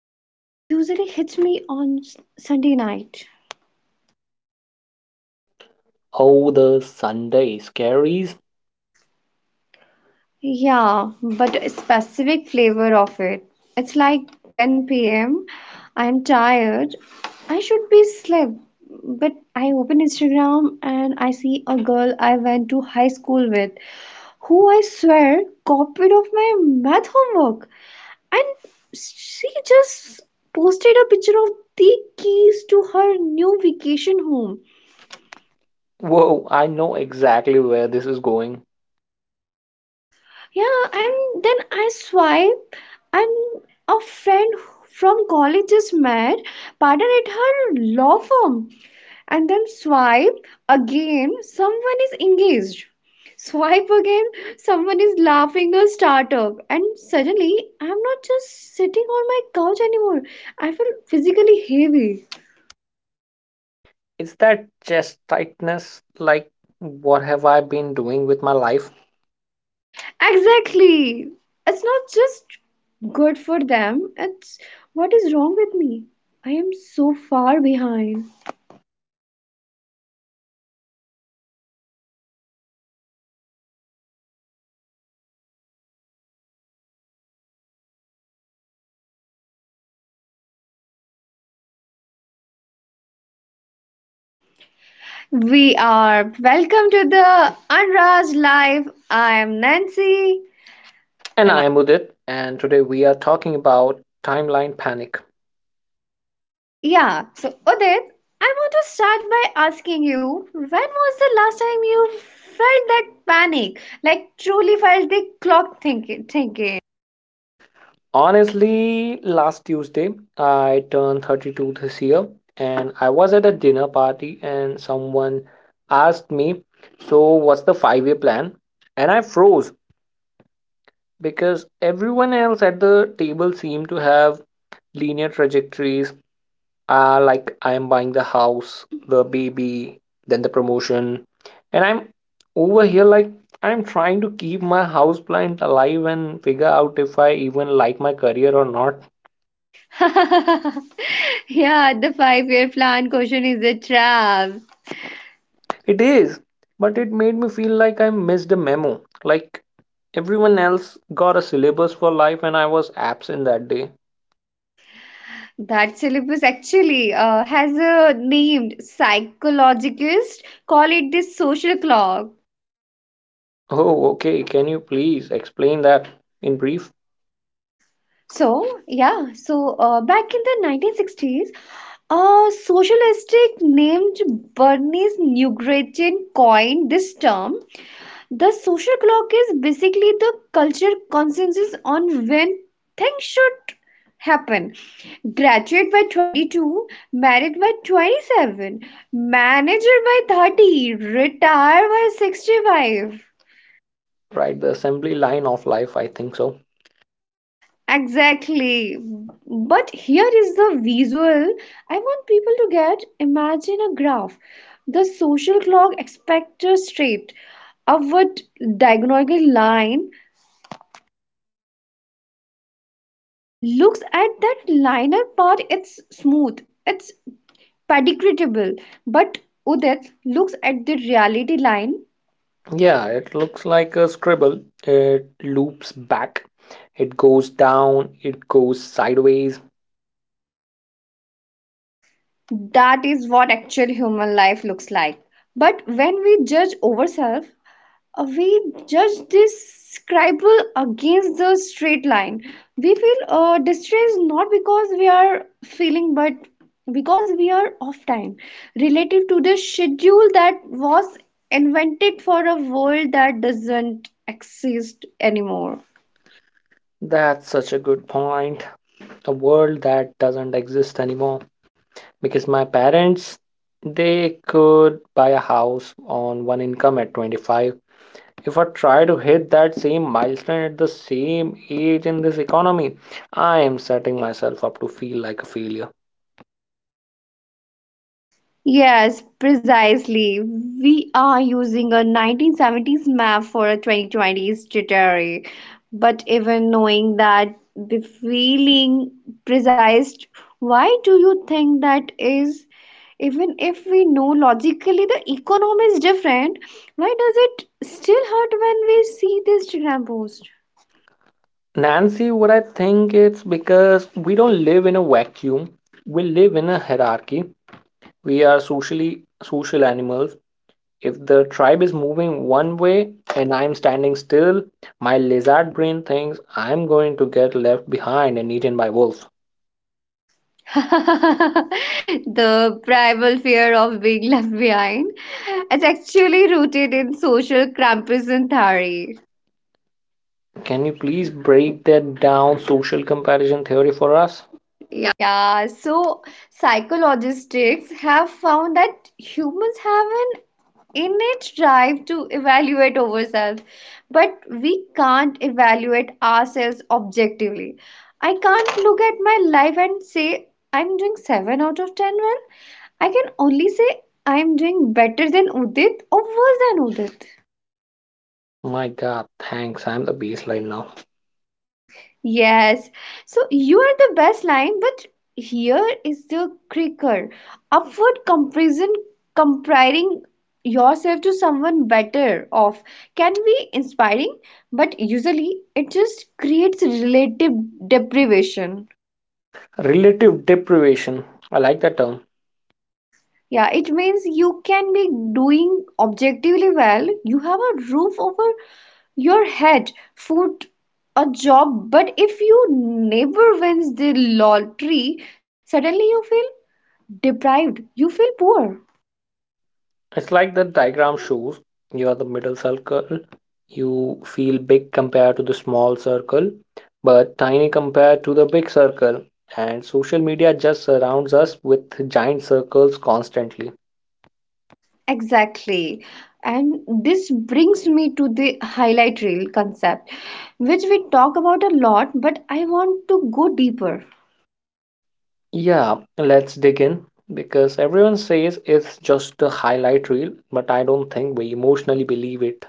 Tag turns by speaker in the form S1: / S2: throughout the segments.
S1: It usually hits me on Sunday night.
S2: Oh, the Sunday scaries.
S1: Yeah, but a specific flavor of it. It's like 10 p.m. I'm tired. I should be asleep. But I open Instagram and I see a girl I went to high school with who I swear copied of my math homework. And she just posted a picture of the keys to her new vacation home.
S2: Whoa, I know exactly where this is going.
S1: Yeah, and then I swipe, and a friend from college is mad, pardon at her law firm, and then swipe again, someone is engaged. Swipe again, someone is laughing a startup, and suddenly I'm not just sitting on my couch anymore. I feel physically heavy.
S2: It's that chest tightness, like, what have I been doing with my life?
S1: Exactly. It's not just good for them, it's what is wrong with me? I am so far behind.
S2: I think that is the most universal feeling of our generation, the feeling of being behind. But today, Nancy, we are going to dismantle this, right? Because I really need this conversation.
S1: We are. Welcome to the Anraz Live. I'm Nancy.
S2: And I am Udit, and today we are talking about timeline panic.
S1: Yeah, so Udit, I want to start by asking you when was the last time you felt that panic? Like, truly felt the clock thinking?
S2: Honestly, last Tuesday, I turned 32 this year, and I was at a dinner party, and someone asked me, so what's the 5-year plan? And I froze because everyone else at the table seemed to have linear trajectories, like I'm buying the house, the baby, then the promotion. And I'm over here, like, I'm trying to keep my house plant alive and figure out if I even like my career or not.
S1: Yeah, the 5 year plan question is a trap.
S2: It is, but it made me feel like I missed a memo. Like everyone else got a syllabus for life and I was absent that day.
S1: That syllabus actually has a named psychologist, call it the social clock.
S2: Oh, okay. Can you please explain that in brief?
S1: So back in the 1960s, a socialistic named Bernice Newgraten coined this term. The social clock is basically the culture consensus on when things should happen. Graduate by 22, married by 27, manager by 30, retire by 65.
S2: Right, the assembly line of life, I think so.
S1: Exactly. But here is the visual I want people to get. Imagine a graph. The social clock expects a straight upward diagonal line. Looks at that linear part, it's smooth, it's predictable. But Udit looks at the reality line.
S2: Yeah, it looks like a scribble. It loops back, it goes down, it goes sideways.
S1: That is what actual human life looks like. But when we judge ourselves, we judge this scribble against the straight line. We feel distressed not because we are feeling, but because we are off time relative to the schedule that was invented for a world that doesn't exist anymore.
S2: That's such a good point. A world that doesn't exist anymore. Because my parents, they could buy a house on one income at 25. If I try to hit that same milestone at the same age in this economy, I am setting myself up to feel like a failure.
S1: Yes, precisely. We are using a 1970s map for a 2020s jittery. But even knowing that the feeling precise, why do you think that is? Even if we know logically the economy is different, why does it still hurt when we see this Instagram post?
S2: Nancy, what I think, it's because we don't live in a vacuum, we live in a hierarchy. We are social animals. If the tribe is moving one way and I'm standing still, my lizard brain thinks I'm going to get left behind and eaten by wolves.
S1: The primal fear of being left behind. It's actually rooted in social Grampiscan theory.
S2: Can you please break that down, social comparison theory, for us?
S1: Yeah, so psychologists have found that humans have an innate drive to evaluate ourselves, but we can't evaluate ourselves objectively. I can't look at my life and say I'm doing 7 out of 10 well. I can only say I'm doing better than Udit or worse than Udit.
S2: My god, thanks. I'm the baseline now.
S1: Yes. So you are the best line, but here is the kicker. Upward comparison, comparing yourself to someone better off can be inspiring, but usually it just creates relative deprivation.
S2: Relative deprivation. I like that term.
S1: Yeah, it means you can be doing objectively well. You have a roof over your head, food, a job, but if your neighbor wins the lottery, suddenly you feel deprived you feel poor.
S2: It's like the diagram shows, you are the middle circle. You feel big compared to the small circle, but tiny compared to the big circle. And social media just surrounds us with giant circles constantly.
S1: Exactly. And this brings me to the highlight reel concept, which we talk about a lot, but I want to go deeper.
S2: Yeah, let's dig in because everyone says it's just a highlight reel, but I don't think we emotionally believe it.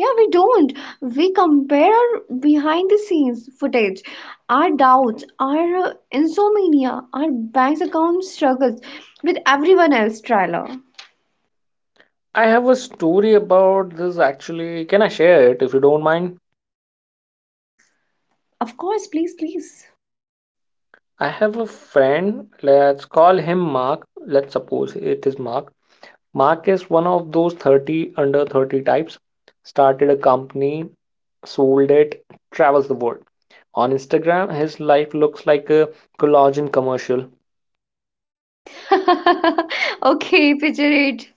S1: Yeah, we don't. We compare our behind the scenes footage, our doubts, our insomnia, our bank's account struggles with everyone else trailer.
S2: I have a story about this actually. Can I share it if you don't mind?
S1: Of course, please.
S2: I have a friend, let's call him Mark. Let's suppose it is Mark. Mark is one of those 30 under 30 types. Started a company, sold it, travels the world. On Instagram, his life looks like a collagen commercial.
S1: Okay, picture it.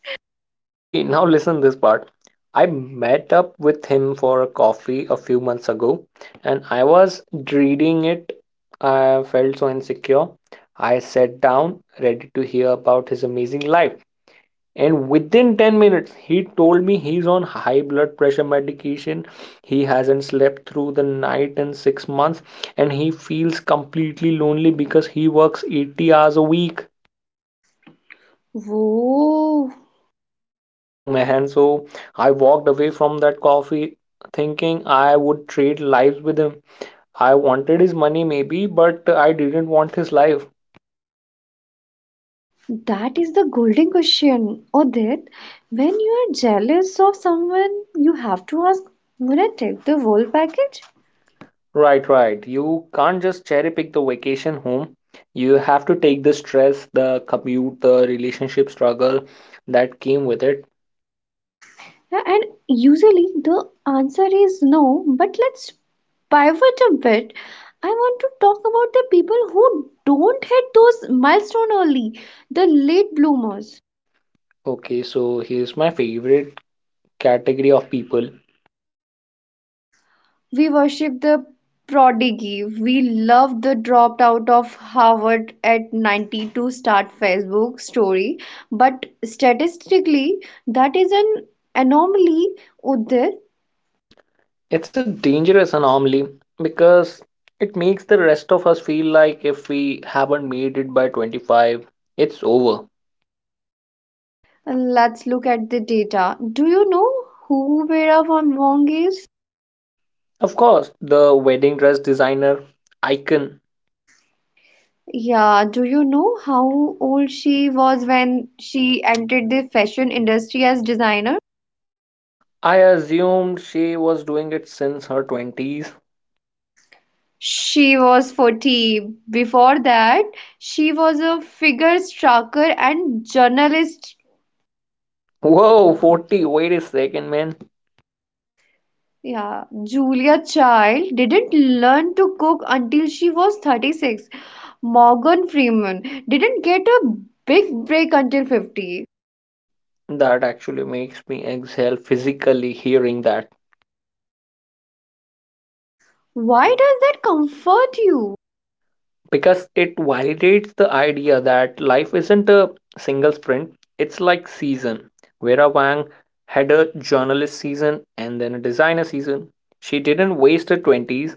S2: Okay, now listen this part. I met up with him for a coffee a few months ago and I was dreading it. I felt so insecure. I sat down, ready to hear about his amazing life. And within 10 minutes he told me he's on high blood pressure medication, he hasn't slept through the night in 6 months, and he feels completely lonely because he works 80 hours a week.
S1: Whoa.
S2: Oh man, so I walked away from that coffee thinking I would trade lives with him. I wanted his money maybe, but I didn't want his life.
S1: That is the golden question, Odit. When you are jealous of someone, you have to ask, "Would I take the whole package?
S2: Right, right. You can't just cherry pick the vacation home. You have to take the stress, the commute, the relationship struggle that came with it.
S1: Yeah, and usually the answer is no, but let's pivot a bit. I want to talk about the people who don't hit those milestone early, the late bloomers.
S2: Okay, so here's my favorite category of people.
S1: We worship the prodigy. We love the dropped out of Harvard at 90 to start Facebook story. But statistically, that is an anomaly, Udir.
S2: It's a dangerous anomaly because it makes the rest of us feel like if we haven't made it by 25, it's over.
S1: Let's look at the data. Do you know who Vera von Wong is?
S2: Of course, the wedding dress designer, icon.
S1: Yeah, do you know how old she was when she entered the fashion industry as designer?
S2: I assumed she was doing it since her 20s.
S1: She was 40. Before that, she was a figure skater and journalist.
S2: Whoa, 40. Wait a second, man.
S1: Yeah, Julia Child didn't learn to cook until she was 36. Morgan Freeman didn't get a big break until 50.
S2: That actually makes me exhale physically hearing that
S1: Why does that comfort you?
S2: because it validates the idea that life isn't a single sprint, it's like season. Vera Wang had a journalist season and then a designer season. She didn't waste her 20s,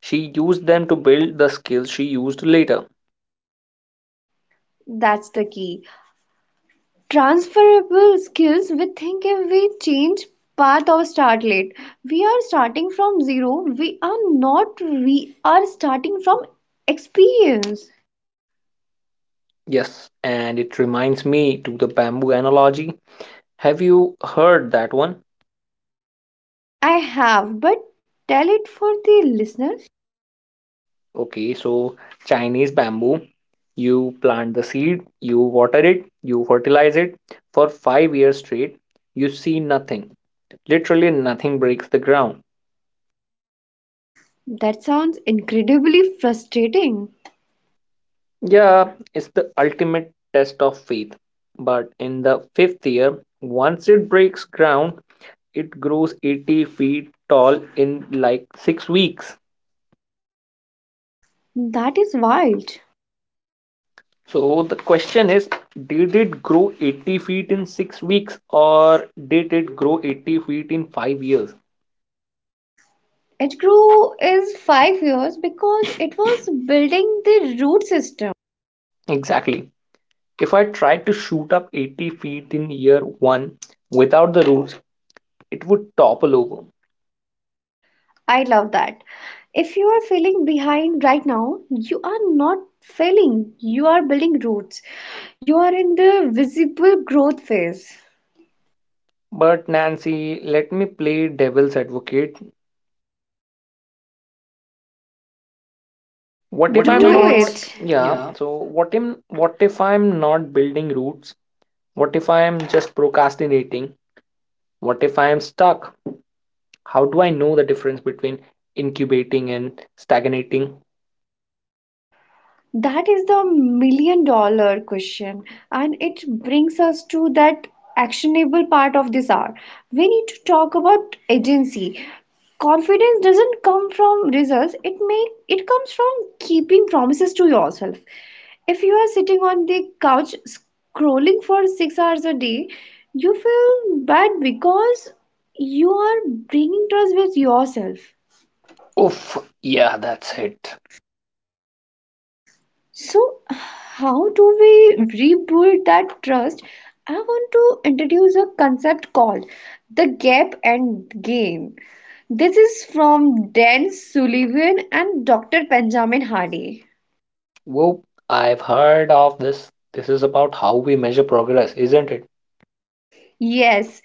S2: she used them to build the skills she used later.
S1: That's the key. Transferable skills, we think if we change path or start late we are starting from zero. We are not, we are starting from experience.
S2: Yes, and it reminds me to the bamboo analogy. Have you heard that one?
S1: I have, but tell it for the listeners.
S2: Okay, so Chinese bamboo, you plant the seed, you water it, you fertilize it for 5 years straight. You see nothing. Literally nothing breaks the ground.
S1: That sounds incredibly frustrating.
S2: Yeah, it's the ultimate test of faith. But in the fifth year, once it breaks ground, it grows 80 feet tall in like 6 weeks.
S1: That is wild.
S2: So the question is, did it grow 80 feet in 6 weeks or did it grow 80 feet in 5 years?
S1: It grew is 5 years because it was building the root system.
S2: Exactly. If I tried to shoot up 80 feet in year one without the rules, it would topple over.
S1: I love that. If you are feeling behind right now, you are not failing. You are building roots. You are in the visible growth phase.
S2: But Nancy, let me play devil's advocate. What if
S1: What if Do
S2: I'm
S1: I'm
S2: not,
S1: not? It.
S2: yeah,
S1: Yeah.
S2: so what if I'm not building routes? What if I'm just procrastinating? What if I'm stuck? How do I know the difference between incubating and stagnating?
S1: That is the million dollar question, and it brings us to that actionable part of this hour. We need to talk about agency. Confidence doesn't come from results, it comes from keeping promises to yourself. If you are sitting on the couch scrolling for 6 hours a day, you feel bad because you are bringing trust with yourself.
S2: Oof, yeah, that's it.
S1: So, how do we rebuild that trust? I want to introduce a concept called the gap and game. This is from Dan Sullivan and Dr. Benjamin Hardy.
S2: Whoop, I've heard of this. This is about how we measure progress, isn't it?
S1: Yes,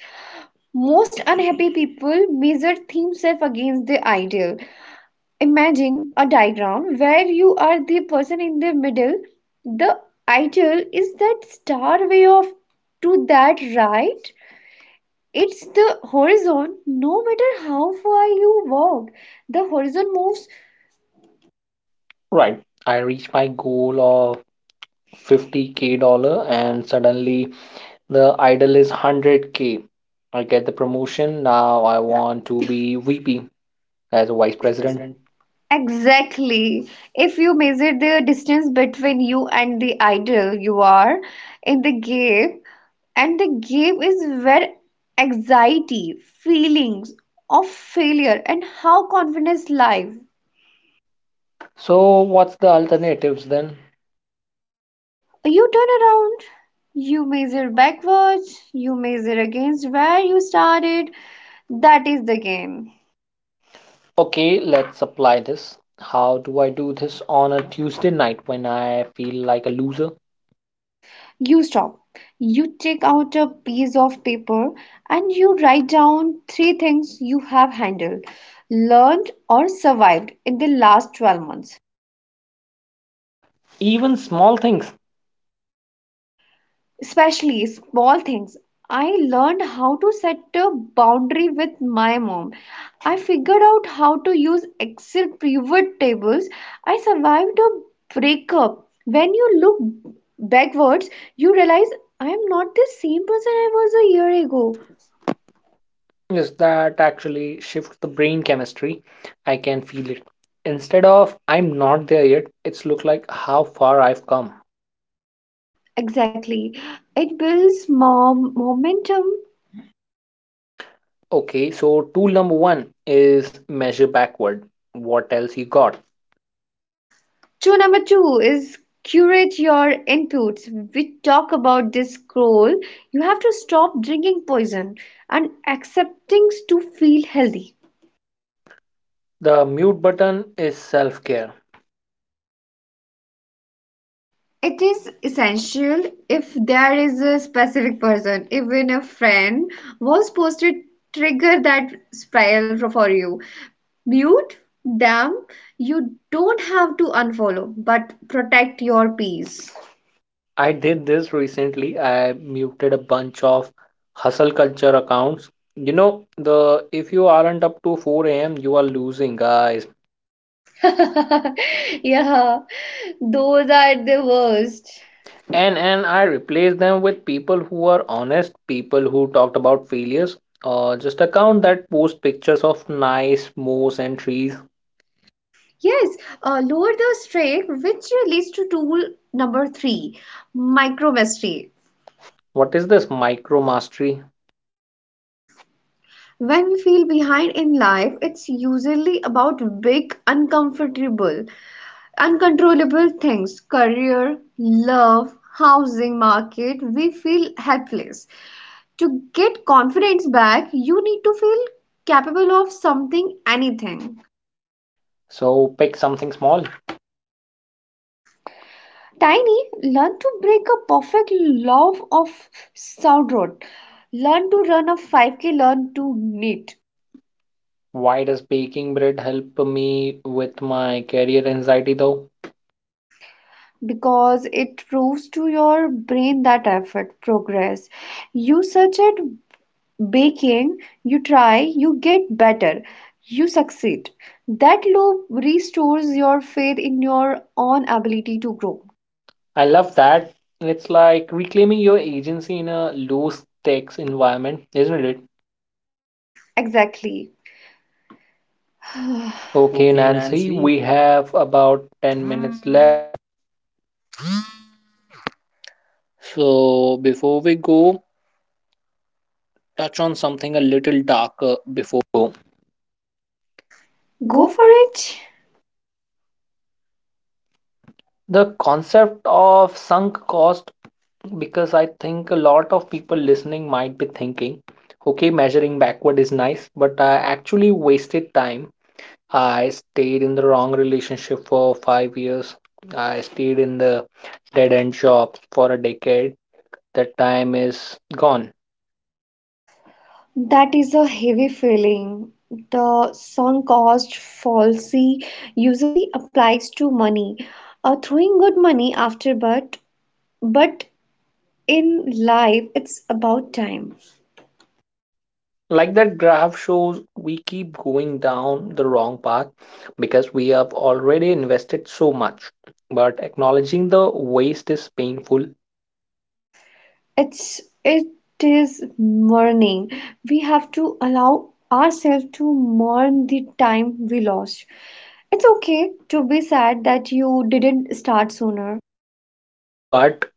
S1: most unhappy people measure themselves against the ideal. Imagine a diagram where you are the person in the middle. The ideal is that star way of to that right. It's the horizon, no matter how far you walk, the horizon moves.
S2: Right. I reached my goal of 50K dollar and suddenly the idol is 100K. I get the promotion. Now I want to be VP, as a
S1: The
S2: vice
S1: vice
S2: president.
S1: president? Exactly. If you measure the distance between you and the idol you are in the game, and the game is where anxiety, feelings of failure, and how confidence live.
S2: So what's the alternatives then?
S1: You turn around, you measure backwards, you measure against where you started. That is the game.
S2: Okay, let's apply this. How do I do this on a Tuesday night when I feel like a loser?
S1: You stop. You take out a piece of paper and you write down three things you have handled, learned, or survived in the last 12 months.
S2: Even small things.
S1: Especially small things. I learned how to set a boundary with my mom. I figured out how to use Excel pivot tables. I survived a breakup. When you look backwards, you realize I am not the same person I was a year ago.
S2: Yes, that actually shifts the brain chemistry. I can feel it. Instead of I'm not there yet, it's look like how far I've come.
S1: Exactly. It builds more momentum.
S2: Okay, so tool number one is measure backward. What else you got?
S1: Two Number two is curate your inputs. We talk about this scroll. You have to stop drinking poison and accept things to feel healthy.
S2: The mute button is self care.
S1: It is essential if there is a specific person, even a friend, was posted trigger that spiral for you. Mute them. You don't have to unfollow, but protect your peace.
S2: I did this recently. I muted a bunch of hustle culture accounts. You know, the if you aren't up to 4 a.m., you are losing, guys.
S1: Yeah, those are the worst.
S2: And I replaced them with people who are honest, people who talked about failures or just account that post pictures of nice moss and trees.
S1: Yes, lower the streak, which leads to tool number three, micromastery.
S2: What is this micro mastery?
S1: When we feel behind in life, it's usually about big, uncomfortable, uncontrollable things career, love, housing market. We feel helpless. To get confidence back, you need to feel capable of something, anything.
S2: So pick something small.
S1: Tiny, learn to break a perfect love of sourdough. Learn to run a 5k, learn to knit
S2: Why does baking bread help me with my career anxiety though?
S1: because it proves to your brain that effort progress. You search at baking, you try, you get better, you succeed. That loop restores your faith in your own ability to grow.
S2: I love that. It's like reclaiming your agency in a loose text environment, isn't it?
S1: Exactly.
S2: Okay,
S1: Okay,
S2: Nancy,
S1: Nancy.
S2: we have about
S1: Go for it.
S2: coverage. The concept of sunk cost, because I think a lot of people listening might be thinking, okay, measuring backward is nice, but I actually wasted time. I stayed in the wrong relationship for 5 years. I stayed in the dead end job for a decade. That time is gone.
S1: That is a heavy feeling. The sunk cost fallacy usually applies to money. Throwing good money after but in life it's about time.
S2: Like that graph shows, we keep going down the wrong path because we have already invested so much. But acknowledging the waste is painful.
S1: It is mourning. We have to allow ourselves to mourn the time we lost. It's okay to be sad that you didn't start sooner.
S2: But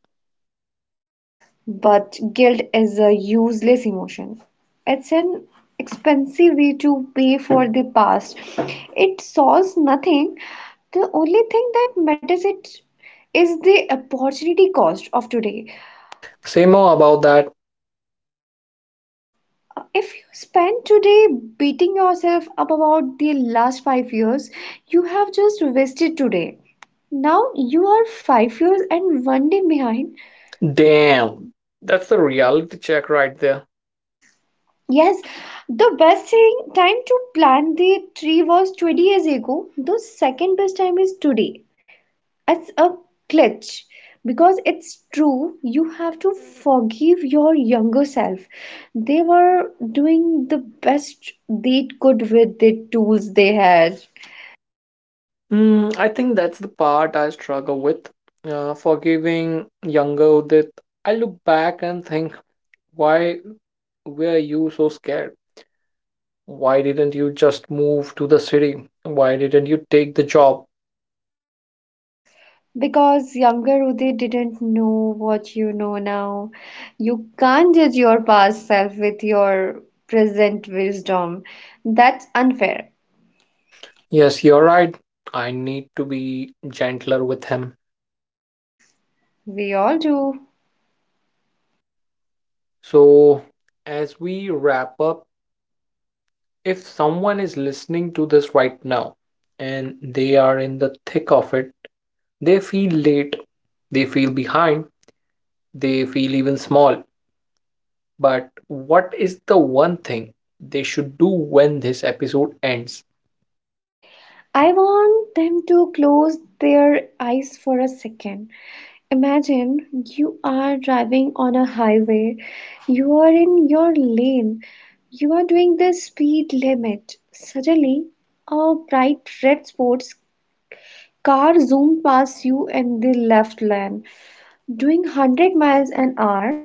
S1: But guilt is a useless emotion. It's an expensive way to pay for the past. It solves nothing. The only thing that matters it is the opportunity cost of today.
S2: say more about that.
S1: If you spend today beating yourself up about the last 5 years, you have just wasted today. Now you are 5 years and one day behind.
S2: Damn, that's the reality check right there.
S1: Yes, the best thing, time to plant the tree was 20 years ago. The second best time is today. It's a clutch because it's true. You have to forgive your younger self. They were doing the best they could with the tools they had.
S2: Mm, I think that's the part I struggle with. Forgiving younger Udit, I look back and think, why were you so scared? Why didn't you just move to the city? Why didn't you take the job?
S1: Because younger Uday didn't know what you know now. You can't judge your past self with your present wisdom. That's unfair.
S2: Yes, you're right. I need to be gentler with him.
S1: We all do.
S2: So, as we wrap up, if someone is listening to this right now and they are in the thick of it, they feel late, they feel behind, they feel even small, but what is the one thing they should do when this episode ends?
S1: I want them to close their eyes for a second. Imagine you are driving on a highway, you are in your lane, you are doing the speed limit. Suddenly, a bright red sports car zoomed past you in the left lane, doing 100 miles an hour.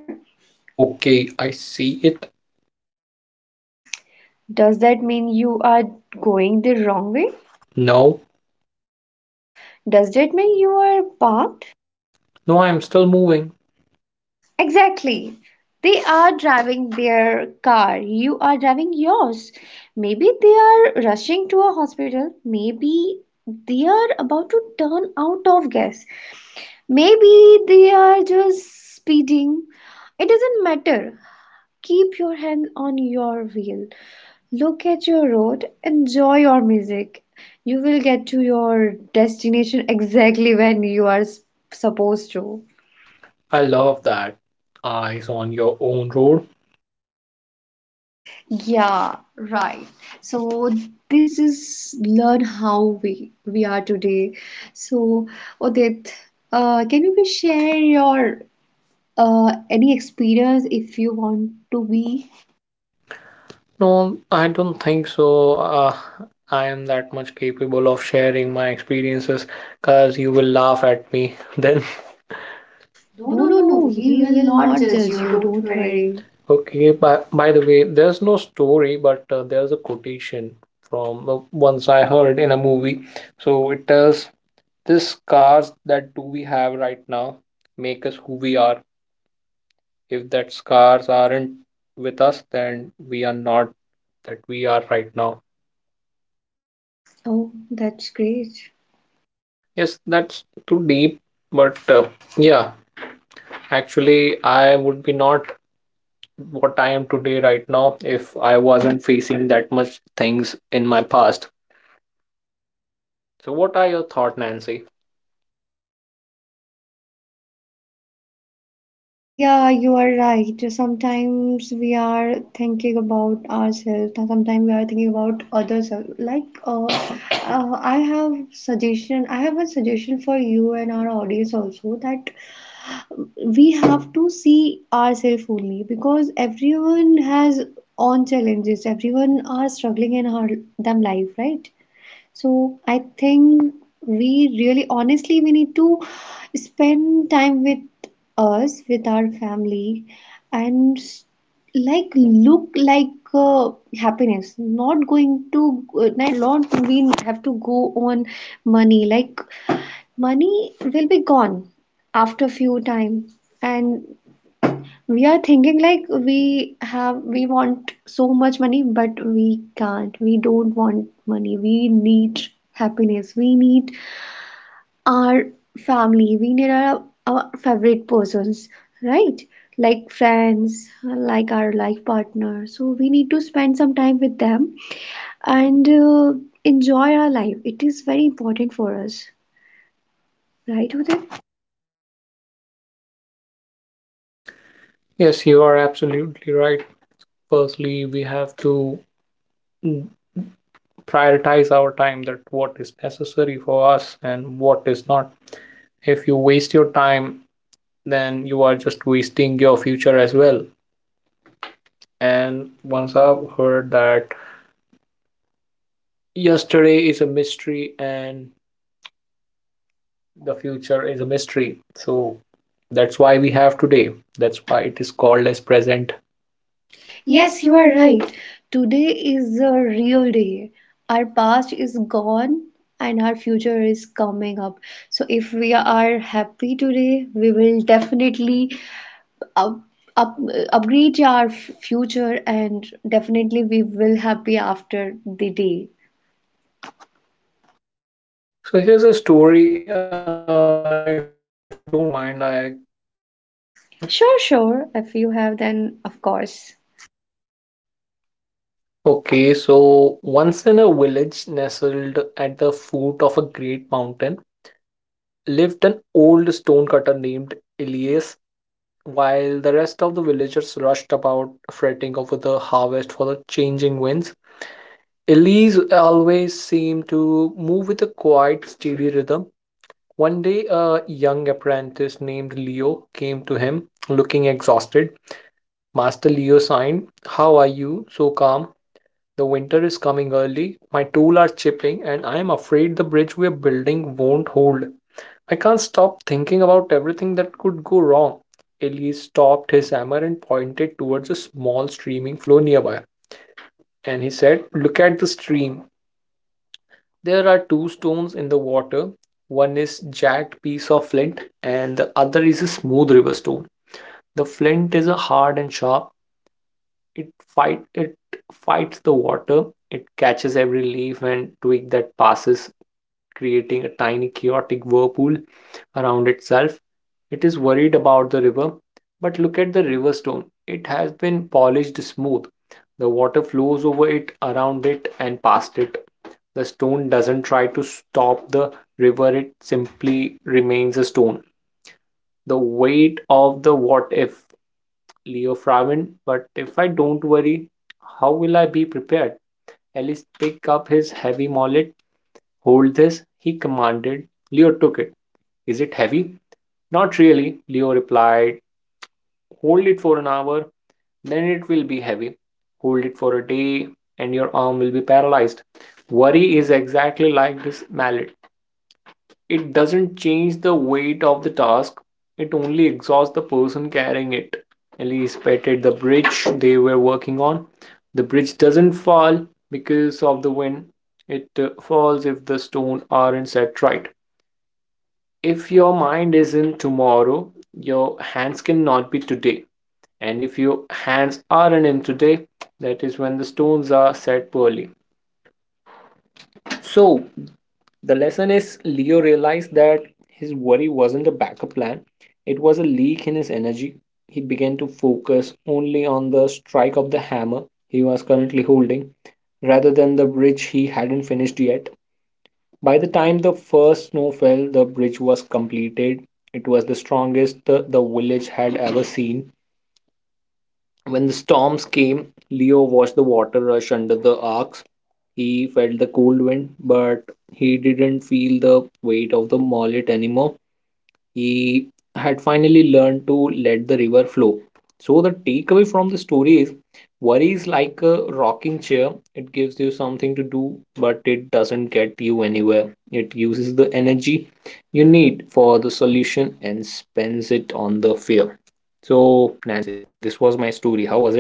S2: Okay, I see it.
S1: Does that mean you are going the wrong way?
S2: No.
S1: Does that mean you are parked?
S2: No, I'm still moving.
S1: Exactly. They are driving their car, you are driving yours. Maybe they are rushing to a hospital, maybe they are about to turn out of gas, maybe they are just speeding. It doesn't matter. Keep your hand on your wheel, look at your road, enjoy your music. You will get to your destination exactly when you are supposed to.
S2: I love that. Eyes on your own road.
S1: Yeah, right. So this is learn how we are today. So Odit, can you please share your any experience if you want to be?
S2: No, I don't think so. I am that much capable of sharing my experiences because you will laugh at me then. No,
S1: No,
S2: no,
S1: no,
S2: no,
S1: no.
S2: we
S1: We
S2: will
S1: will
S2: not
S1: not
S2: judge
S1: judge
S2: you,
S1: you.
S2: don't
S1: Don't
S2: worry.
S1: worry.
S2: Okay, by the way, there's no story, but there's a quotation from once I heard in a movie. So it tells, this scars that do we have right now make us who we are. If that scars aren't with us, then we are not that we are right now.
S1: Oh, that's great.
S2: Yes, that's too deep, but yeah, actually, I would be not what I am today right now if I wasn't facing that much things in my past. So, what are your thoughts, Nancy?
S1: I thought, yeah, you are right. Sometimes we are thinking about ourselves, and sometimes we are thinking about others. I have a suggestion for you and our audience also that um, we have to see ourselves only because everyone has own challenges. Everyone are struggling in our them life, right? So I think we really honestly we need to spend time with us, with our family, and like look like uh, happiness. Not going to not lot we have to go on money. Like money will be gone after few time, and we are thinking like we have, we want so much money, but we can't. We don't want money. We need happiness. We need our family. We need our favorite persons, right? Like friends, like our life partner. So we need to spend some time with them and enjoy our life. It is very important for us, right, Uday?
S2: Yes, you are absolutely right. Firstly, we have to, mm, prioritize our time, that what is necessary for us and what is not. If you waste your time, then you are just wasting your future as well. And
S1: And
S2: once
S1: once our
S2: I've heard that yesterday is a mystery and the future is a mystery. So that's why we have today. That's why it is called as present. Yes,
S1: Yes,
S2: you
S1: you are
S2: are
S1: right.
S2: right.
S1: Today is the real day. Our past is gone and our future is coming up. So if we are happy today, we will definitely up, up, upgrade our future and definitely we will happy after the day.
S2: So here's a story. If you don't mind, I will tell you a story then.
S1: Sure, sure. If you have, then of course.
S2: Okay, so once in a village nestled at the foot of a great mountain, lived an old stonecutter named Elias, while the rest of the villagers fretting over the harvest for the changing winds. Elise always seemed to move with a quiet, steady rhythm. One day, a young apprentice named Leo came to him looking exhausted. Master Leo signed, "How are you so calm? The winter is coming early. My tools are chipping, and I am afraid the bridge we're building won't hold. I can't stop thinking about everything that could go wrong." Elise stopped his hammer and pointed towards a small streaming flow nearby. And he said, "Look at the stream. There are two stones in the water. One is jagged piece of flint and the other is a smooth river stone. The flint is a hard and sharp. It fights the water. It catches every leaf and twig that passes, creating a tiny chaotic whirlpool around itself. It is worried about the river, but look at the river stone. It has been polished smooth. The water flows over it, around it, and past it. The stone doesn't try to stop the river, it simply remains a stone. The weight of the what if." Leo frowned, "But if I don't worry, how will I be prepared?" Ellis picked up his heavy mallet. "Hold this," he commanded. Leo took it. "Is it heavy?" "Not really," Leo replied. Hold it for an hour, then it will be heavy. Hold it for a day and your arm will be paralyzed. Worry is exactly like this mallet. It doesn't change the weight of the task, it only exhausts the person carrying it. Elise petted the bridge they were working on. The bridge doesn't fall because of the wind. It falls if the stones aren't set right. If your mind isn't tomorrow, your hands cannot be today. And if your hands aren't in today, that is when the stones are set poorly. So, the lesson is, Leo realized that his worry wasn't a backup plan, it was a leak in his energy. He began to focus only on the strike of the hammer he was currently holding rather than the bridge he hadn't finished yet. By the time the first snow fell, the bridge was completed. It was the strongest the village had ever seen. When the storms came, Leo watched the water rush under the arcs. He felt the cold wind, but he didn't feel the weight of the mallet anymore. He had finally learned to let the river flow. So, the takeaway from the story is, worry is like a rocking chair. It gives you something to do, but it doesn't get you anywhere. It uses the energy you need for the solution and spends it on the fear. So, Nancy, this was my story. How was it?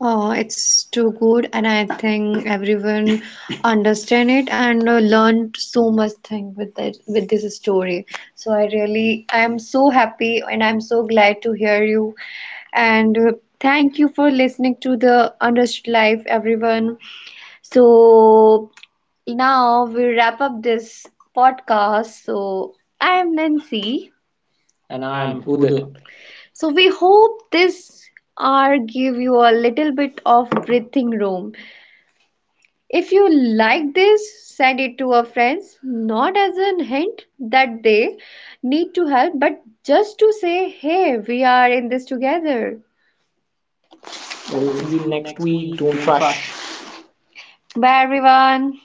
S1: Oh, it's too good, and I think everyone understand it and learned so much thing with this story. So I am so happy and I'm so glad to hear you. And thank you for listening to the Unrushed Life, everyone. So now we wrap up this podcast. So I am Nancy.
S2: And
S1: And
S2: I'm
S1: I'm
S2: Udit.
S1: Uday. So we hope this are give you a little bit of breathing room. If you like this, send it to our friends, not as a hint that they need to help, but just to say, hey, we are in this together.
S2: We'll
S1: We'll
S2: see you
S1: see you
S2: next
S1: next
S2: week.
S1: week.
S2: Don't
S1: Don't
S2: rush.
S1: rush. Bye everyone.